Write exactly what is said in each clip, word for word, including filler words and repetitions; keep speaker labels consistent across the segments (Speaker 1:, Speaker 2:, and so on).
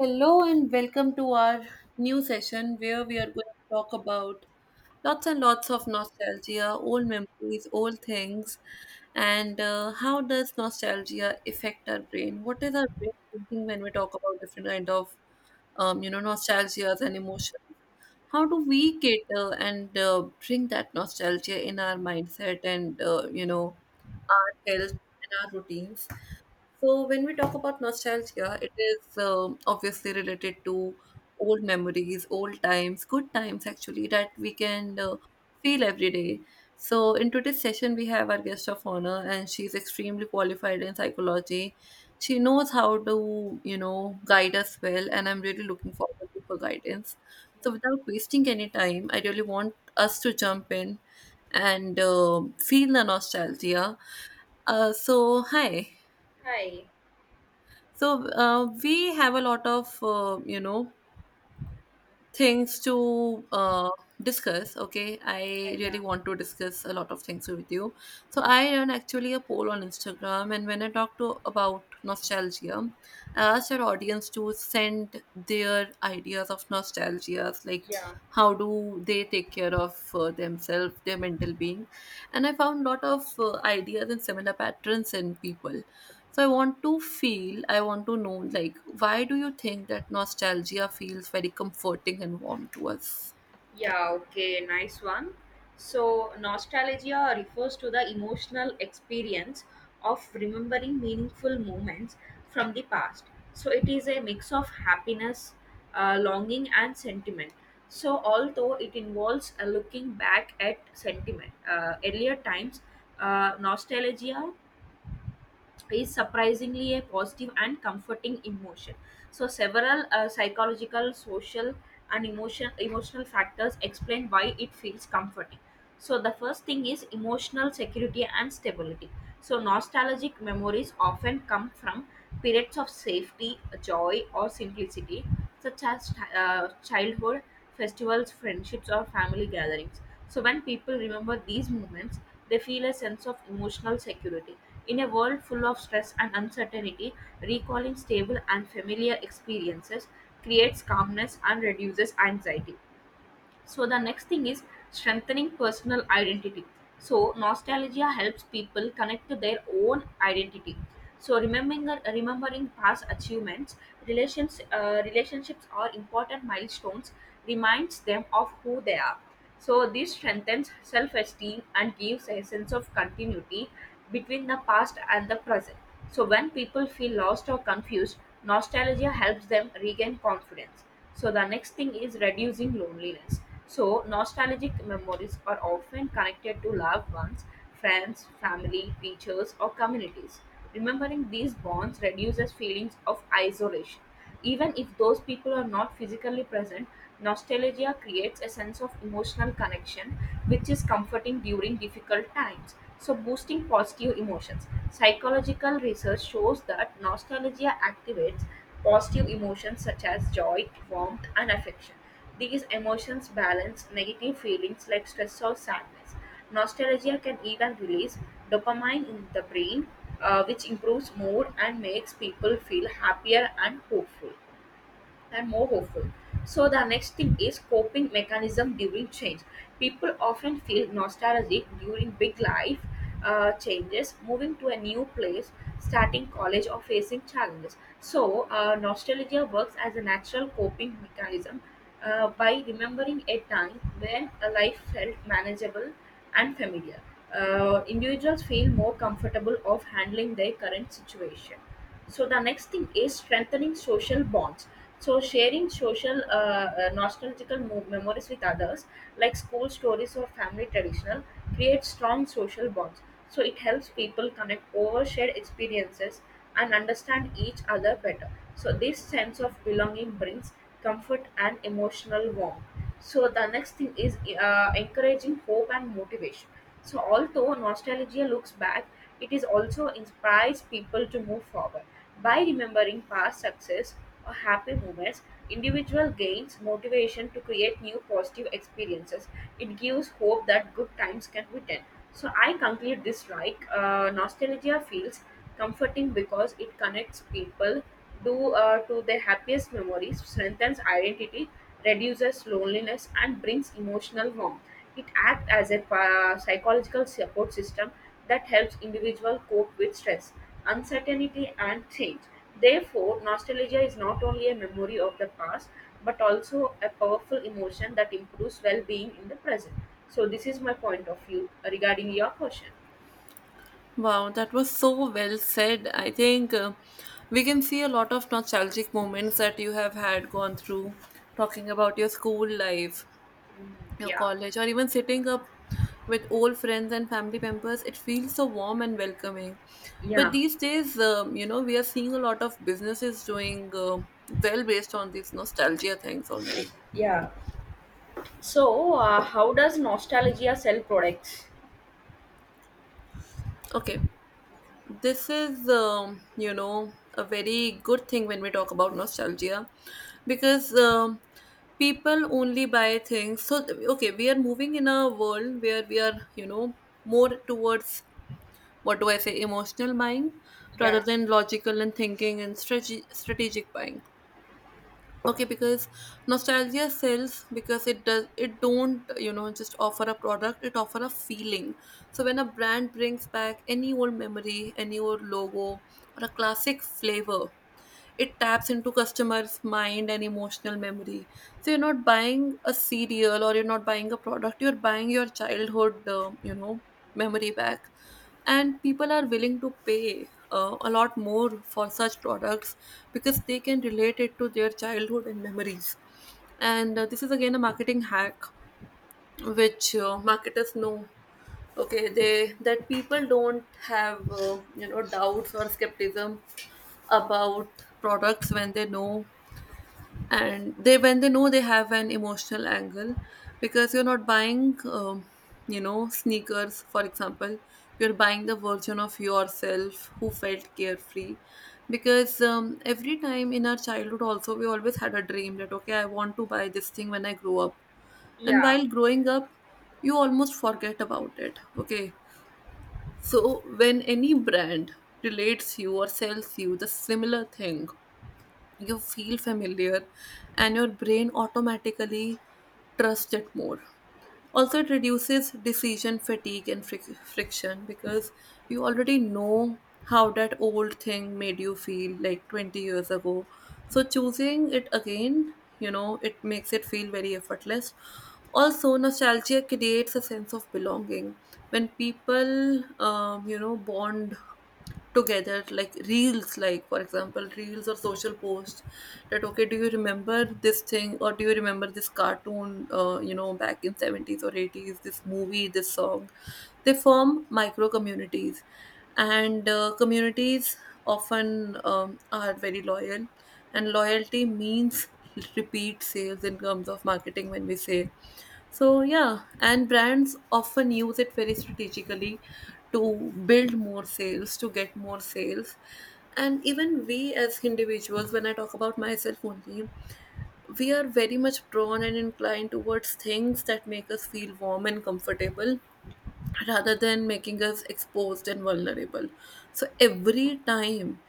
Speaker 1: Hello and welcome to our new session where we are going to talk about lots and lots of nostalgia, old memories, old things, and uh, how does nostalgia affect our brain? What is our brain thinking when we talk about different kind of, um, you know, nostalgias and emotions? How do we cater and uh, bring that nostalgia in our mindset and uh, you know our health and our routines? So when we talk about nostalgia, it is um, obviously related to old memories, old times, good times actually that we can uh, feel every day. So in today's session, we have our guest of honor, and she's extremely qualified in psychology. She knows how to, you know, guide us well, and I'm really looking forward to her guidance. So without wasting any time, I really want us to jump in and uh, feel the nostalgia. Uh, so hi.
Speaker 2: Hi.
Speaker 1: So uh, we have a lot of uh, you know things to uh, discuss. Okay, I
Speaker 2: Uh, yeah,
Speaker 1: really want to discuss a lot of things with you. So
Speaker 2: yeah,
Speaker 1: I run actually a poll on Instagram, and when I talk to about nostalgia, I asked our audience to send their ideas of nostalgias, like
Speaker 2: yeah,
Speaker 1: how do they take care of uh, themselves, their mental being. And I found a lot of uh, ideas and similar patterns in people. So I want to feel, I want to know, like, why do you think that nostalgia feels very comforting and warm to us?
Speaker 2: yeah, okay, nice one. So, nostalgia refers to the emotional experience of remembering meaningful moments from the past. So, it is a mix of happiness, uh, longing, and sentiment. So, although it involves uh, looking back at sentiment, uh, earlier times, uh, nostalgia is surprisingly a positive and comforting emotion. So several uh, psychological, social, and emotion emotional factors explain why it feels comforting. So the first thing is emotional security and stability. So, nostalgic memories often come from periods of safety, joy, or simplicity, such as uh, childhood, festivals, friendships, or family gatherings. So, when people remember these moments, they feel a sense of emotional security. In a world full of stress and uncertainty, recalling stable and familiar experiences creates calmness and reduces anxiety. So the next thing is strengthening personal identity. So nostalgia helps people connect to their own identity. So remembering remembering past achievements, relations uh, relationships, or important milestones reminds them of who they are. So this strengthens self-esteem and gives a sense of continuity between the past and the present. So when people feel lost or confused, nostalgia helps them regain confidence. So the next thing is reducing loneliness. So nostalgic memories are often connected to loved ones, friends, family, teachers, or communities. Remembering these bonds reduces feelings of isolation. Even if those people are not physically present, nostalgia creates a sense of emotional connection, which is comforting during difficult times. So, boosting positive emotions. Psychological research shows that nostalgia activates positive emotions such as joy, warmth, and affection. These emotions balance negative feelings like stress or sadness. Nostalgia can even release dopamine in the brain, uh, which improves mood and makes people feel happier and hopeful and more hopeful. So the next thing is coping mechanism during change. People often feel nostalgic during big life uh, changes, moving to a new place, starting college, or facing challenges. So uh, nostalgia works as a natural coping mechanism uh, by remembering a time when a life felt manageable and familiar. Uh, individuals feel more comfortable of handling their current situation. So the next thing is strengthening social bonds. So sharing social uh, uh, nostalgical mo- memories with others, like school stories or family traditional, creates strong social bonds. So it helps people connect over shared experiences and understand each other better. So this sense of belonging brings comfort and emotional warmth. So the next thing is uh, encouraging hope and motivation. So, although nostalgia looks back, it is also inspires people to move forward. By remembering past success or happy moments, individual gains motivation to create new positive experiences. It gives hope that good times can return. So, I conclude this like uh, nostalgia feels comforting because it connects people to, uh, to their happiest memories, strengthens identity, reduces loneliness, and brings emotional warmth. It acts as a pa- psychological support system that helps individuals cope with stress, uncertainty, and change. Therefore, nostalgia is not only a memory of the past but also a powerful emotion that improves well being in the present. So, this is my point of view regarding your question.
Speaker 1: Wow, that was so well said. I think uh, we can see a lot of nostalgic moments that you have had gone through talking about your school life,
Speaker 2: Mm,
Speaker 1: your
Speaker 2: yeah,
Speaker 1: college, or even sitting up with old friends and family members. It feels so warm and welcoming, but
Speaker 2: yeah.
Speaker 1: these days, um, you know we are seeing a lot of businesses doing uh, well based on these nostalgia things only.
Speaker 2: Yeah. So, uh, how does nostalgia sell products?
Speaker 1: Okay, this is, um, you know a very good thing when we talk about nostalgia, because um, people only buy things. So th- okay, we are moving in a world where we are, you know, more towards, what do I say, emotional buying rather
Speaker 2: Yeah,
Speaker 1: than logical and thinking and strate- strategic buying. Okay, because nostalgia sells because it does, it don't, you know, just offer a product, it offer a feeling. So when a brand brings back any old memory, any old logo or a classic flavor, it taps into customers mind and emotional memory. So you're not buying a cereal or you're not buying a product, you're buying your childhood, uh, you know memory back. And people are willing to pay uh, a lot more for such products because they can relate it to their childhood and memories. And uh, this is again a marketing hack which uh, marketers know. Okay, they, that people don't have, uh, you know doubts or skepticism about products when they know, and they, when they know they have an emotional angle. Because you're not buying, um, you know sneakers, for example, you're buying the version of yourself who felt carefree. Because um, every time in our childhood also we always had a dream that, okay, I want to buy this thing when I grow up. And
Speaker 2: yeah,
Speaker 1: while growing up you almost forget about it. Okay, so when any brand relates you or sells you the similar thing, you feel familiar and your brain automatically trusts it more. Also, it reduces decision fatigue and fric- friction because you already know how that old thing made you feel like twenty years ago. So choosing it again, you know, it makes it feel very effortless. Also nostalgia creates a sense of belonging when people, um, you know bond together, like reels, like, for example, reels or social posts that, okay, do you remember this thing or do you remember this cartoon, uh, you know back in seventies or eighties, this movie, this song. They form micro communities, and uh, communities often um, are very loyal, and loyalty means repeat sales in terms of marketing, when we say. So yeah, and brands often use it very strategically to build more sales, to get more sales. And even we as individuals, when I talk about myself only, we are very much drawn and inclined towards things that make us feel warm and comfortable rather than making us exposed and vulnerable. So every time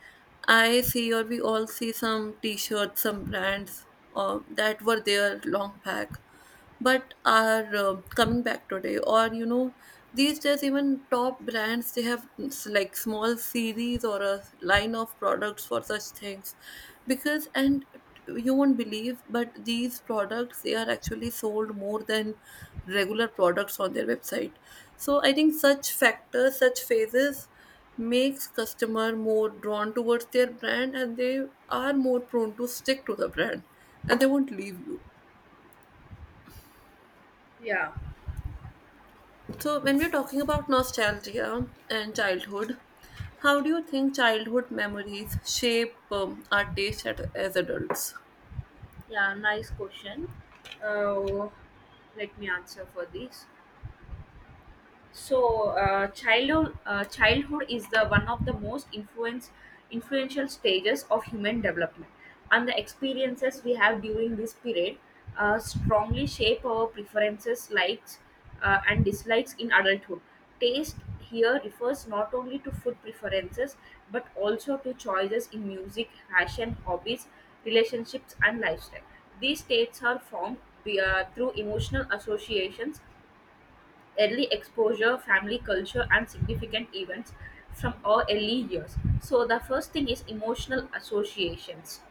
Speaker 1: I see or we all see some t-shirts, some brands uh, that were there long back, but are uh, coming back today. Or, you know, these days even top brands, they have s- like small series or a line of products for such things, because, and you won't believe, but these products, they are actually sold more than regular products on their website. So I think such factors, such phases makes customer more drawn towards their brand, and they are more prone to stick to the brand, and they won't leave you.
Speaker 2: yeah.
Speaker 1: So when we're talking about nostalgia and childhood, how do you think childhood memories shape um, our taste at, as adults?
Speaker 2: Yeah, nice question. Uh, Let me answer for this. So, uh, childhood uh, childhood is the one of the most influence influential stages of human development, and the experiences we have during this period uh, strongly shape our preferences, likes, uh, and dislikes in adulthood. Taste here refers not only to food preferences but also to choices in music, fashion, hobbies, relationships, and lifestyle. These states are formed be- uh, through emotional associations, early exposure, family culture, and significant events from our early years. So, the first thing is emotional associations.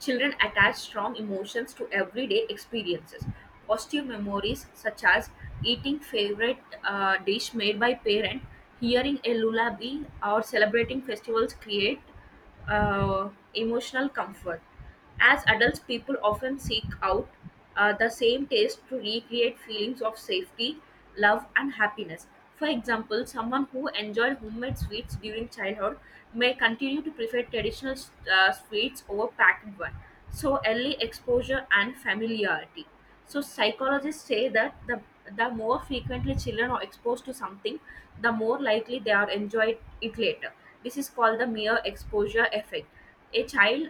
Speaker 2: Children attach strong emotions to everyday experiences. Positive memories, such as eating favorite uh, dish made by parent, hearing a lullaby, or celebrating festivals, create uh, emotional comfort. As adults, people often seek out uh, the same taste to recreate feelings of safety, love, and happiness. For example, someone who enjoyed homemade sweets during childhood may continue to prefer traditional uh, sweets over packaged ones. So, early exposure and familiarity. So, psychologists say that the, the more frequently children are exposed to something, the more likely they are enjoyed it later. This is called the mere exposure effect. A child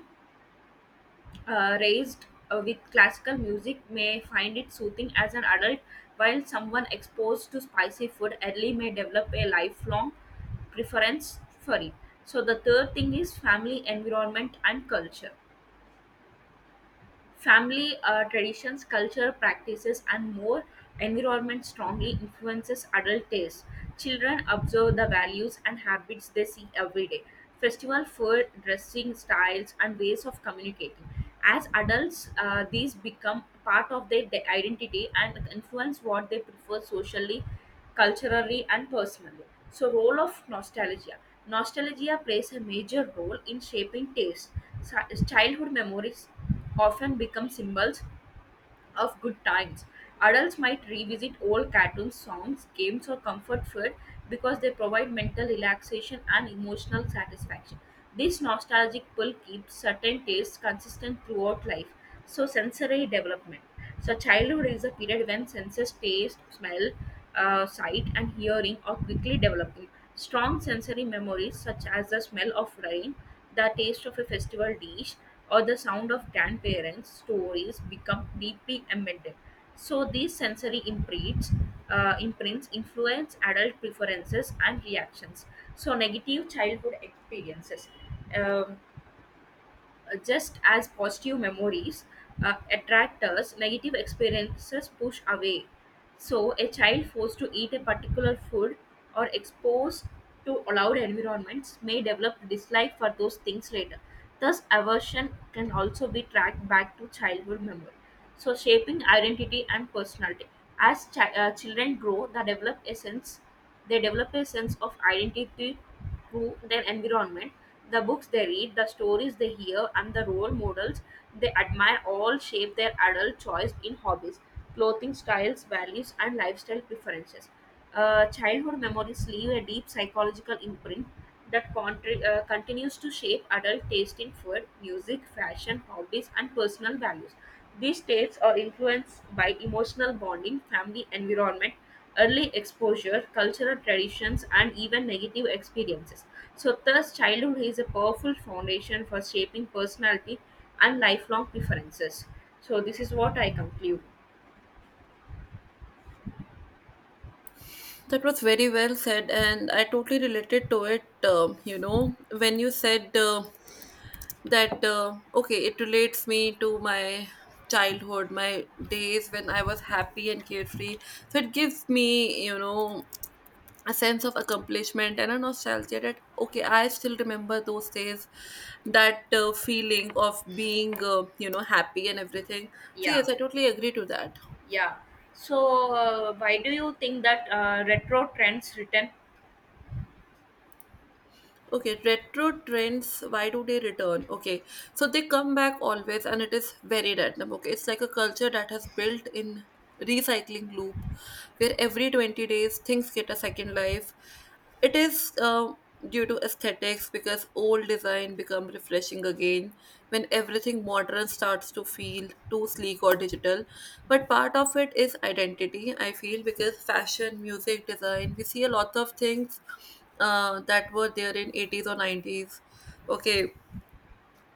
Speaker 2: uh, raised uh, with classical music may find it soothing as an adult, while someone exposed to spicy food early may develop a lifelong preference for it. So, the third thing is family, environment, and culture. Family uh, traditions, culture, practices, and more environment strongly influences adult taste. Children observe the values and habits they see every day. Festival food, dressing styles, and ways of communicating. As adults, uh, these become part of their de- identity and influence what they prefer socially, culturally, and personally. So, role of nostalgia. Nostalgia plays a major role in shaping taste. Sa- Childhood memories often become symbols of good times. Adults might revisit old cartoons, songs, games, or comfort food because they provide mental relaxation and emotional satisfaction. This nostalgic pull keeps certain tastes consistent throughout life. So, sensory development. So, childhood is a period when senses taste, smell, uh, sight, and hearing are quickly developing. Strong sensory memories, such as the smell of rain, the taste of a festival dish, or the sound of grandparents' stories, become deeply embedded. So, these sensory imprints, uh, imprints influence adult preferences and reactions. So, negative childhood experiences. Um, uh, just as positive memories uh, attract us, negative experiences push away. So, a child forced to eat a particular food or exposed to loud environments may develop dislike for those things later. Thus, aversion can also be tracked back to childhood memory. So, shaping identity and personality. As chi- uh, children grow, they develop a sense they develop a sense of identity through their environment. The books they read, the stories they hear, and the role models they admire all shape their adult choice in hobbies, clothing styles, values, and lifestyle preferences. Uh, childhood memories leave a deep psychological imprint that contri- uh, continues to shape adult taste in food, music, fashion, hobbies, and personal values. These tastes are influenced by emotional bonding, family environment, early exposure, cultural traditions, and even negative experiences. So, thus, childhood is a powerful foundation for shaping personality and lifelong preferences. So, this is what I conclude.
Speaker 1: That was very well said, and I totally related to it. Um, you know, when you said uh, that uh, okay, it relates me to my childhood, my days when I was happy and carefree. So it gives me, you know, a sense of accomplishment and a nostalgia that, okay, I still remember those days, that uh, feeling of being, uh, you know happy and everything. So
Speaker 2: Yeah,
Speaker 1: yes, I totally agree to that.
Speaker 2: yeah. So, uh, why do you think that uh, retro trends return?
Speaker 1: Okay, retro trends, why do they return? Okay, so they come back always and it is very random. Okay, it's like a culture that has built in recycling loop where every twenty days things get a second life. It is uh, due to aesthetics because old design become refreshing again when everything modern starts to feel too sleek or digital. But part of it is identity, I feel, because fashion, music, design, we see a lot of things uh, that were there in eighties or nineties. Okay,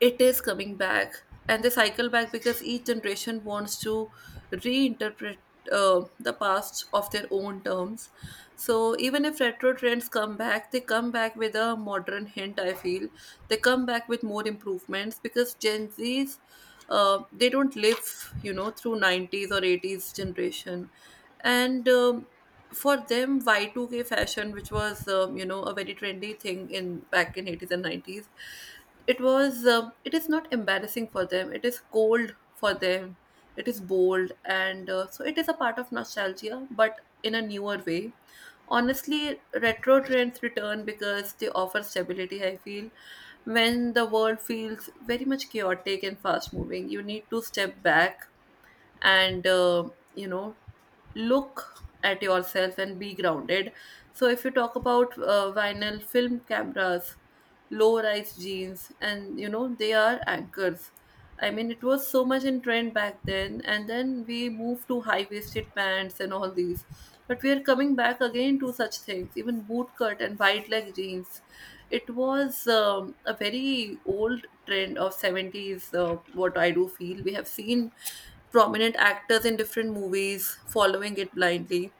Speaker 1: it is coming back, and they cycle back because each generation wants to reinterpret uh, the past of their own terms. So even if retro trends come back, they come back with a modern hint, I feel. They come back with more improvements because gen z's, uh, they don't live, you know, through nineties or eighties generation. And um, for them, y two k fashion, which was, um, you know a very trendy thing in back in eighties and nineties, it was, um, it is not embarrassing for them, it is cold for them, it is bold, and uh, so it is a part of nostalgia but in a newer way. Honestly, retro trends return because they offer stability, I feel. When the world feels very much chaotic and fast moving, you need to step back and, uh, you know look at yourself and be grounded. So if you talk about uh, vinyl film cameras, low rise jeans, and, you know, they are anchors. I mean, it was so much in trend back then, and then we moved to high waisted pants and all these, but we are coming back again to such things, even bootcut and wide leg jeans. It was um, a very old trend of seventies. Uh, what I do feel, we have seen prominent actors in different movies following it blindly.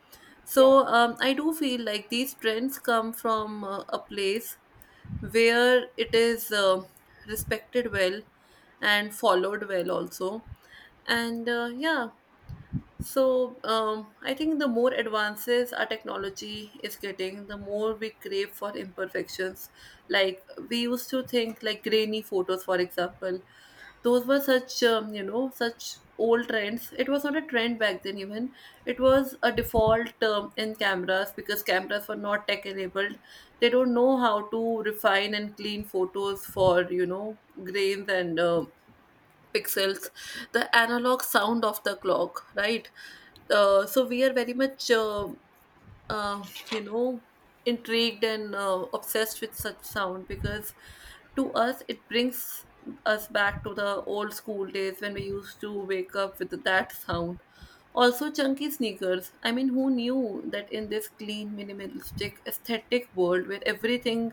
Speaker 1: So um, I do feel like these trends come from uh, a place where it is uh, respected well and followed well also. And uh, yeah. So, um, I think the more advances our technology is getting, the more we crave for imperfections. Like, we used to think, like, grainy photos, for example, those were such, um, you know, such old trends. It was not a trend back then, even it was a default term in cameras because cameras were not tech enabled. They don't know how to refine and clean photos for, you know, grains and uh, pixels, the analog sound of the clock, right? Uh, so we are very much uh, uh, you know intrigued and uh, obsessed with such sound because to us it brings us back to the old school days when we used to wake up with that sound. Also chunky sneakers, I mean, who knew that in this clean minimalistic aesthetic world where everything,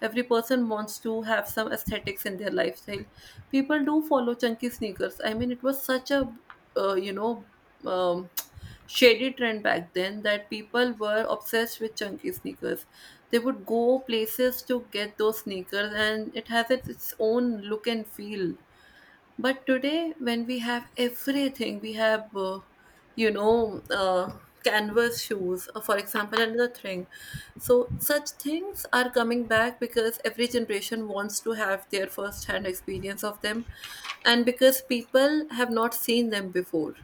Speaker 1: every person wants to have some aesthetics in their lifestyle, people do follow chunky sneakers. I mean, it was such a, uh, you know um, shady trend back then that people were obsessed with chunky sneakers. They would go places to get those sneakers, and it has its its own look and feel. But today, when we have everything, we have, uh, you know, uh, canvas shoes, uh, for example, another thing. So, such things are coming back because every generation wants to have their first hand experience of them, and because people have not seen them before.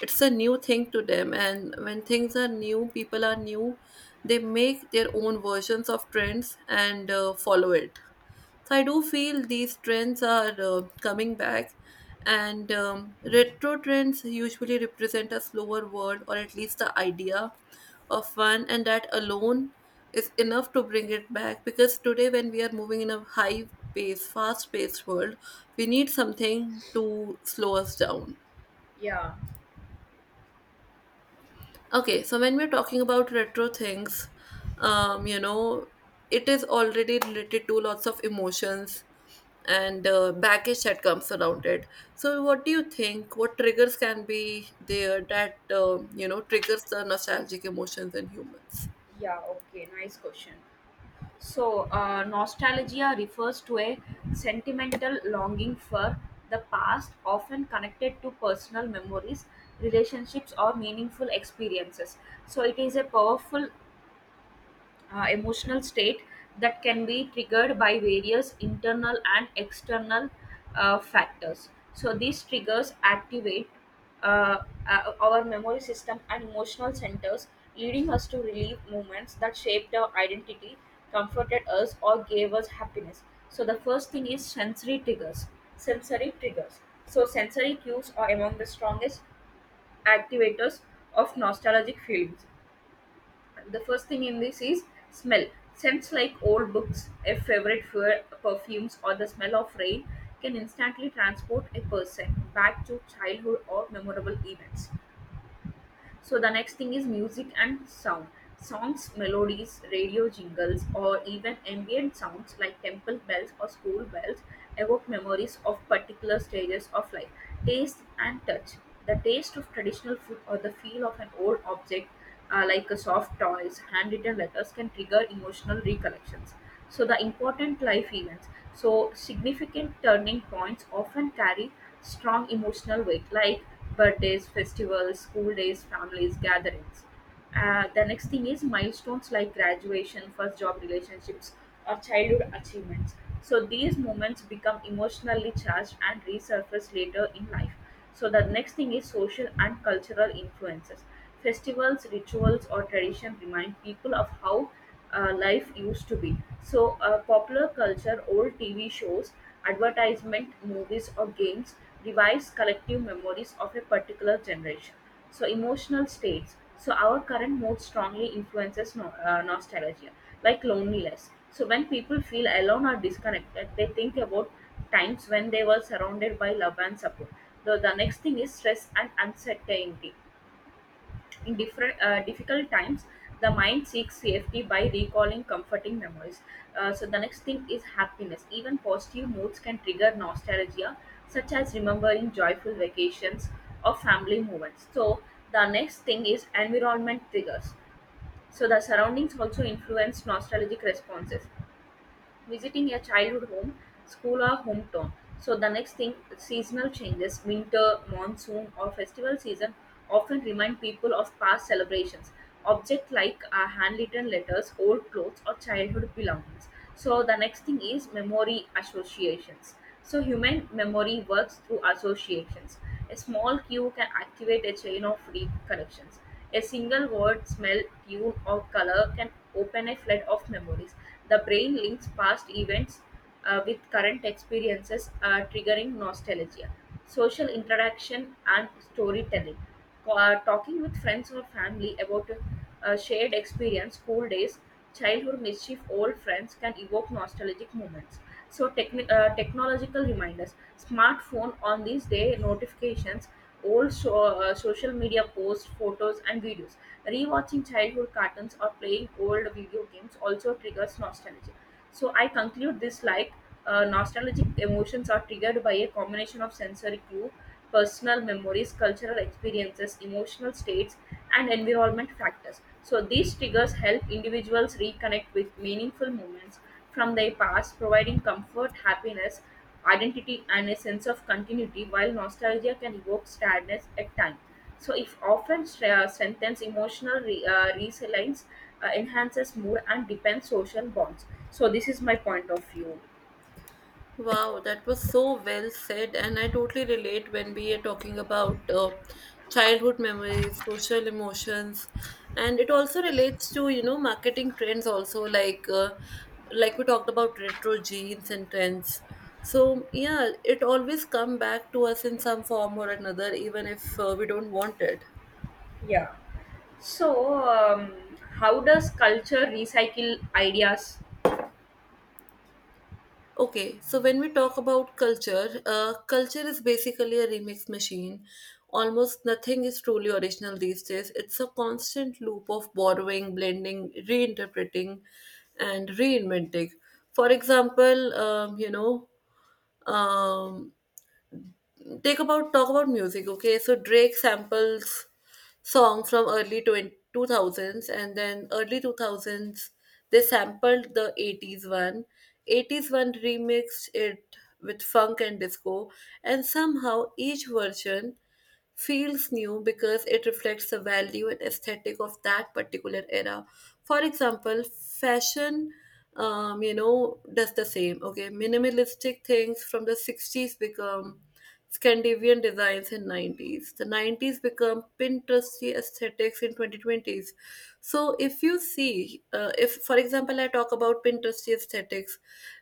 Speaker 1: It's a new thing to them, and when things are new, people are new, they make their own versions of trends and uh, follow it. So I do feel these trends are uh, coming back, and um, retro trends usually represent a slower world or at least the idea of fun, and that alone is enough to bring it back. Because today, when we are moving in a high pace, fast paced world, we need something to slow us down.
Speaker 2: Yeah,
Speaker 1: Okay, so when we're talking about retro things, um, you know, it is already related to lots of emotions and uh, baggage that comes around it. So, what do you think? What triggers can be there that, uh, you know, triggers the nostalgic emotions in humans?
Speaker 2: yeah, okay, nice question. So, uh, nostalgia refers to a sentimental longing for the past, often connected to personal memories, relationships, or meaningful experiences. So, it is a powerful uh, emotional state that can be triggered by various internal and external uh, factors. So these triggers activate uh, uh, our memory system and emotional centers, leading us to relive moments that shaped our identity, comforted us, or gave us happiness. So the first thing is sensory triggers. Sensory triggers. So sensory cues are among the strongest activators of nostalgic feelings. The first thing in this is smell. Scents like old books, a favorite fur, perfumes, or the smell of rain can instantly transport a person back to childhood or memorable events. So the next thing is music and sound. Songs, melodies, radio jingles, or even ambient sounds like temple bells or school bells evoke memories of particular stages of life. Taste and touch. The taste of traditional food or the feel of an old object, uh, like a soft toys, handwritten letters, can trigger emotional recollections. So the important life events. So significant turning points often carry strong emotional weight, like birthdays, festivals, school days, families gatherings. Uh, the next thing is milestones like graduation, first job, relationships, or childhood achievements. So these moments become emotionally charged and resurface later in life. So the next thing is social and cultural influences. Festivals, rituals, or tradition remind people of how uh, life used to be. So, uh, popular culture, old T V shows, advertisement, movies, or games revives collective memories of a particular generation. So, emotional states. So, our current mood strongly influences no, uh, nostalgia, like loneliness. So, when people feel alone or disconnected, they think about times when they were surrounded by love and support. The, the next thing is stress and uncertainty. In different uh, difficult times, the mind seeks safety by recalling comforting memories. Uh, so the next thing is happiness. Even positive moods can trigger nostalgia, such as remembering joyful vacations or family moments. So the next thing is environment triggers. So the surroundings also influence nostalgic responses, visiting your childhood home, school, or hometown. So, the next thing, seasonal changes, winter, monsoon, or festival season often remind people of past celebrations. Objects like uh, handwritten letters, old clothes, or childhood belongings. So, the next thing is memory associations. So, human memory works through associations. A small cue can activate a chain of reconnections. A single word, smell, tune, or color can open a flood of memories. The brain links past events uh, with current experiences, uh, triggering nostalgia. Social interaction and storytelling. Co- uh, talking with friends or family about a shared experience, school days, childhood mischief, old friends can evoke nostalgic moments. So, techni- uh, technological reminders, smartphone on these day notifications, old so- uh, social media posts, photos, and videos. Rewatching childhood cartoons or playing old video games also triggers nostalgia. So, I conclude this like uh, nostalgic emotions are triggered by a combination of sensory clue, personal memories, cultural experiences, emotional states, and environment factors. So, these triggers help individuals reconnect with meaningful moments from their past, providing comfort, happiness, identity, and a sense of continuity, while nostalgia can evoke sadness at times. So, if often stra- strengthens emotional re- uh, resilience, uh, enhances mood, and depends social bonds. So, this is my point of view.
Speaker 1: Wow, that was so well said, and I totally relate when we are talking about uh, childhood memories, social emotions, and it also relates to, you know, marketing trends also, like uh, like we talked about retro jeans and trends. So yeah, it always come back to us in some form or another, even if uh, we don't want it.
Speaker 2: Yeah. So, um, how does culture recycle ideas?
Speaker 1: Okay, so when we talk about culture, uh, culture is basically a remix machine. Almost nothing is truly original these days. It's a constant loop of borrowing, blending, reinterpreting, and reinventing. For example, um, you know, um, take about talk about music. Okay, so Drake samples song from early 20, two thousands, and then early two thousands they sampled the 80s one 80s one remixed it with funk and disco, and somehow each version feels new because it reflects the value and aesthetic of that particular era. For example, fashion, um, you know, does the same. Okay, minimalistic things from the sixties become Scandinavian designs in nineties. The nineties become Pinteresty aesthetics in twenty twenties. So if you see, uh, if for example, I talk about Pinterest aesthetics,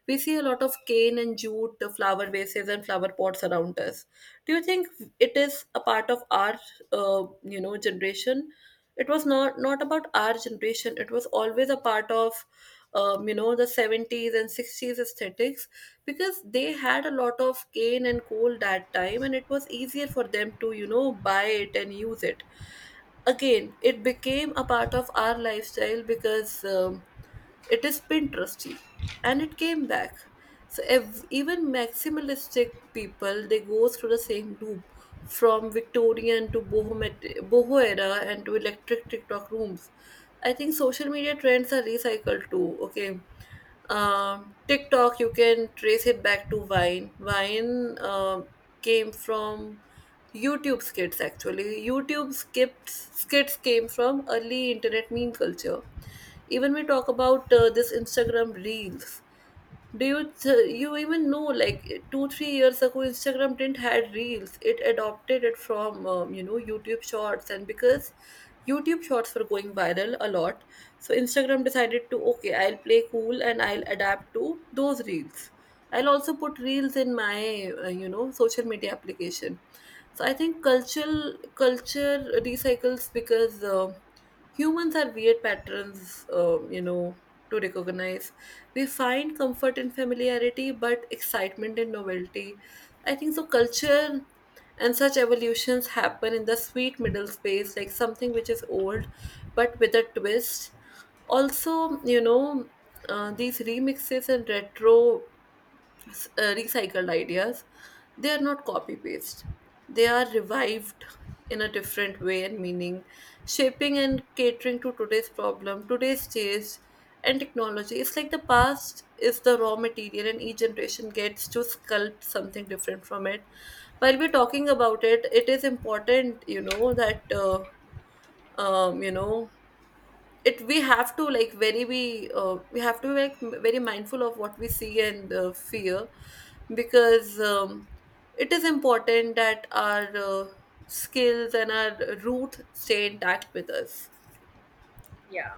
Speaker 1: we see a lot of cane and jute flower vases and flower pots around us. Do you think it is a part of our, uh, you know, generation? It was not not about our generation. It was always a part of, um, you know, the seventies and sixties aesthetics, because they had a lot of cane and coal that time, and it was easier for them to, you know, buy it and use it again. It became a part of our lifestyle because um, it is Pinteresty, and it came back. So ev- even maximalistic people, they go through the same loop, from Victorian to boho, boho era, and to electric TikTok rooms. I think social media trends are recycled too. Okay, um, TikTok, you can trace it back to Vine. Vine um came from YouTube skits actually. YouTube skits skits came from early internet meme culture. Even we talk about uh, this Instagram reels. Do you th- you even know, like two three years ago Instagram didn't had reels. It adopted it from, um, you know YouTube Shorts, and because YouTube Shorts were going viral a lot, so Instagram decided to, okay, I'll play cool and I'll adapt to those reels. I'll also put reels in my uh, you know social media application. So I think cultural culture recycles because uh, humans are weird patterns, um, you know to recognize. We find comfort in familiarity, but excitement in novelty. I think so. Culture and such evolutions happen in the sweet middle space, like something which is old but with a twist. Also, you know, uh, these remixes and retro s- uh, recycled ideas, they are not copy paste, they are revived in a different way and meaning, shaping and catering to today's problem, today's taste, and technology. It's like the past is the raw material and each generation gets to sculpt something different from it. While we're talking about it, it is important, you know, that uh, um, you know it, we have to like very, we uh, we have to be like m- very mindful of what we see and uh, fear. Because um, it is important that our uh, skills and our root stay intact with us.
Speaker 2: Yeah,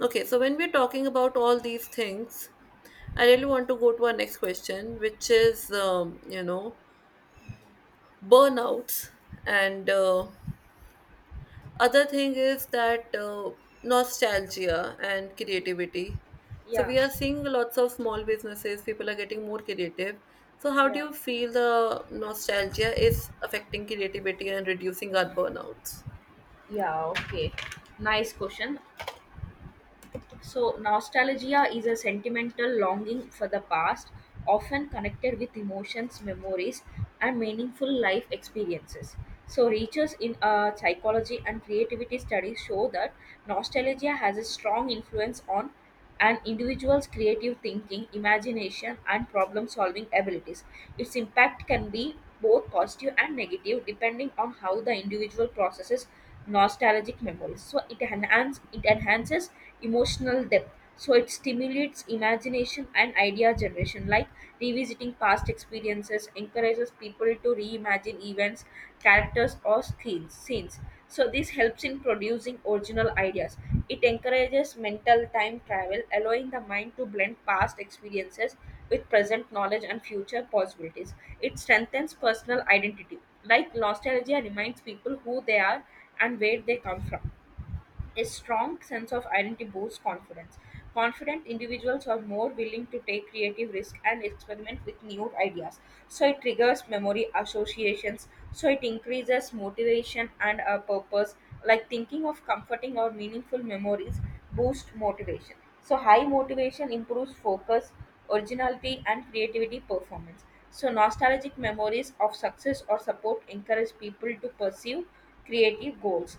Speaker 1: Okay, so when we're talking about all these things, I really want to go to our next question, which is um, you know burnouts, and uh, other thing is that uh, nostalgia and creativity. So
Speaker 2: yeah,
Speaker 1: we are seeing lots of small businesses, people are getting more creative. So how do
Speaker 2: yeah.
Speaker 1: you feel the nostalgia is affecting creativity and reducing our burnouts?
Speaker 2: Yeah, okay. Nice question. So, nostalgia is a sentimental longing for the past, often connected with emotions, memories, and meaningful life experiences. So, research in uh, psychology and creativity studies show that nostalgia has a strong influence on an individual's creative thinking, imagination, and problem solving abilities. Its impact can be both positive and negative depending on how the individual processes nostalgic memories. So it, enhance, it enhances emotional depth. So it stimulates imagination and idea generation, like revisiting past experiences, encourages people to reimagine events, characters, or scenes. scenes So this helps in producing original ideas. It encourages mental time travel, allowing the mind to blend past experiences with present knowledge and future possibilities. It strengthens personal identity, like nostalgia reminds people who they are and where they come from. A strong sense of identity boosts confidence. Confident individuals are more willing to take creative risk and experiment with new ideas. So it triggers memory associations. So it increases motivation and a purpose. Like thinking of comforting or meaningful memories boosts motivation. So high motivation improves focus, originality, and creativity performance. So nostalgic memories of success or support encourage people to pursue creative goals.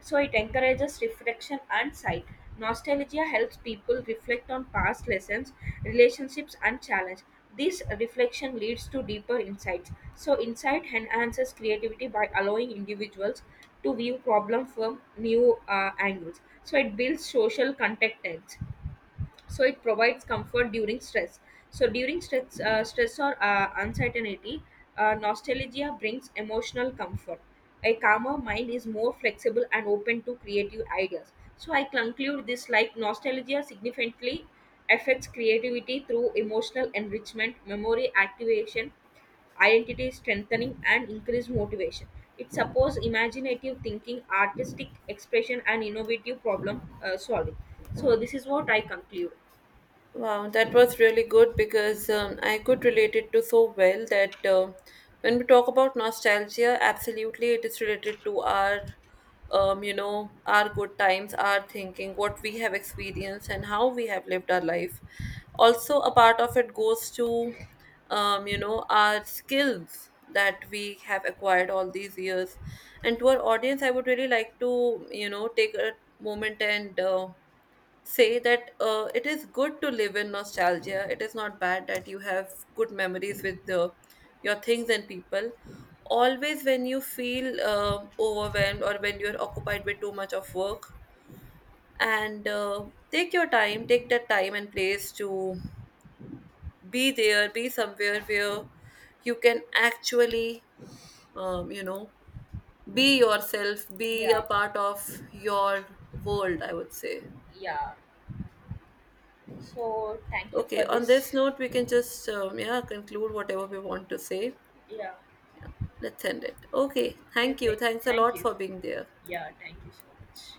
Speaker 2: So it encourages reflection and sight. Nostalgia helps people reflect on past lessons, relationships, and challenge. This reflection leads to deeper insights. So insight enhances creativity by allowing individuals to view problem from new uh, angles. So it builds social contentment. So it provides comfort during stress. So during stress uh, stress or uh, uncertainty, uh, nostalgia brings emotional comfort. A calmer mind is more flexible and open to creative ideas. So I conclude this like nostalgia significantly affects creativity through emotional enrichment, memory activation, identity strengthening, and increased motivation. It supports imaginative thinking, artistic expression, and innovative problem uh, solving. So this is what I conclude.
Speaker 1: Wow, that was really good because um, I could relate it to so well that uh, when we talk about nostalgia, absolutely it is related to our, um, you know, our good times, our thinking, what we have experienced, and how we have lived our life. Also, a part of it goes to, um, you know, our skills that we have acquired all these years. And to our audience, I would really like to, you know, take a moment and uh, say that uh, it is good to live in nostalgia. It is not bad that you have good memories with the, your things and people. Always, when you feel um overwhelmed or when you're occupied with too much of work, and uh, take your time, take that time and place to be there, be somewhere where you can actually, um, you know, be yourself, be a
Speaker 2: Yeah,
Speaker 1: part of your world, I would say.
Speaker 2: yeah. So thank you
Speaker 1: Okay,
Speaker 2: for
Speaker 1: on this
Speaker 2: this.
Speaker 1: note, we can just um, yeah conclude whatever we want to say.
Speaker 2: Yeah,
Speaker 1: Let's end it. Okay,
Speaker 2: yeah.
Speaker 1: thank you.
Speaker 2: th-
Speaker 1: Thanks a
Speaker 2: Thank
Speaker 1: lot
Speaker 2: you.
Speaker 1: for being there.
Speaker 2: Yeah, thank you so much.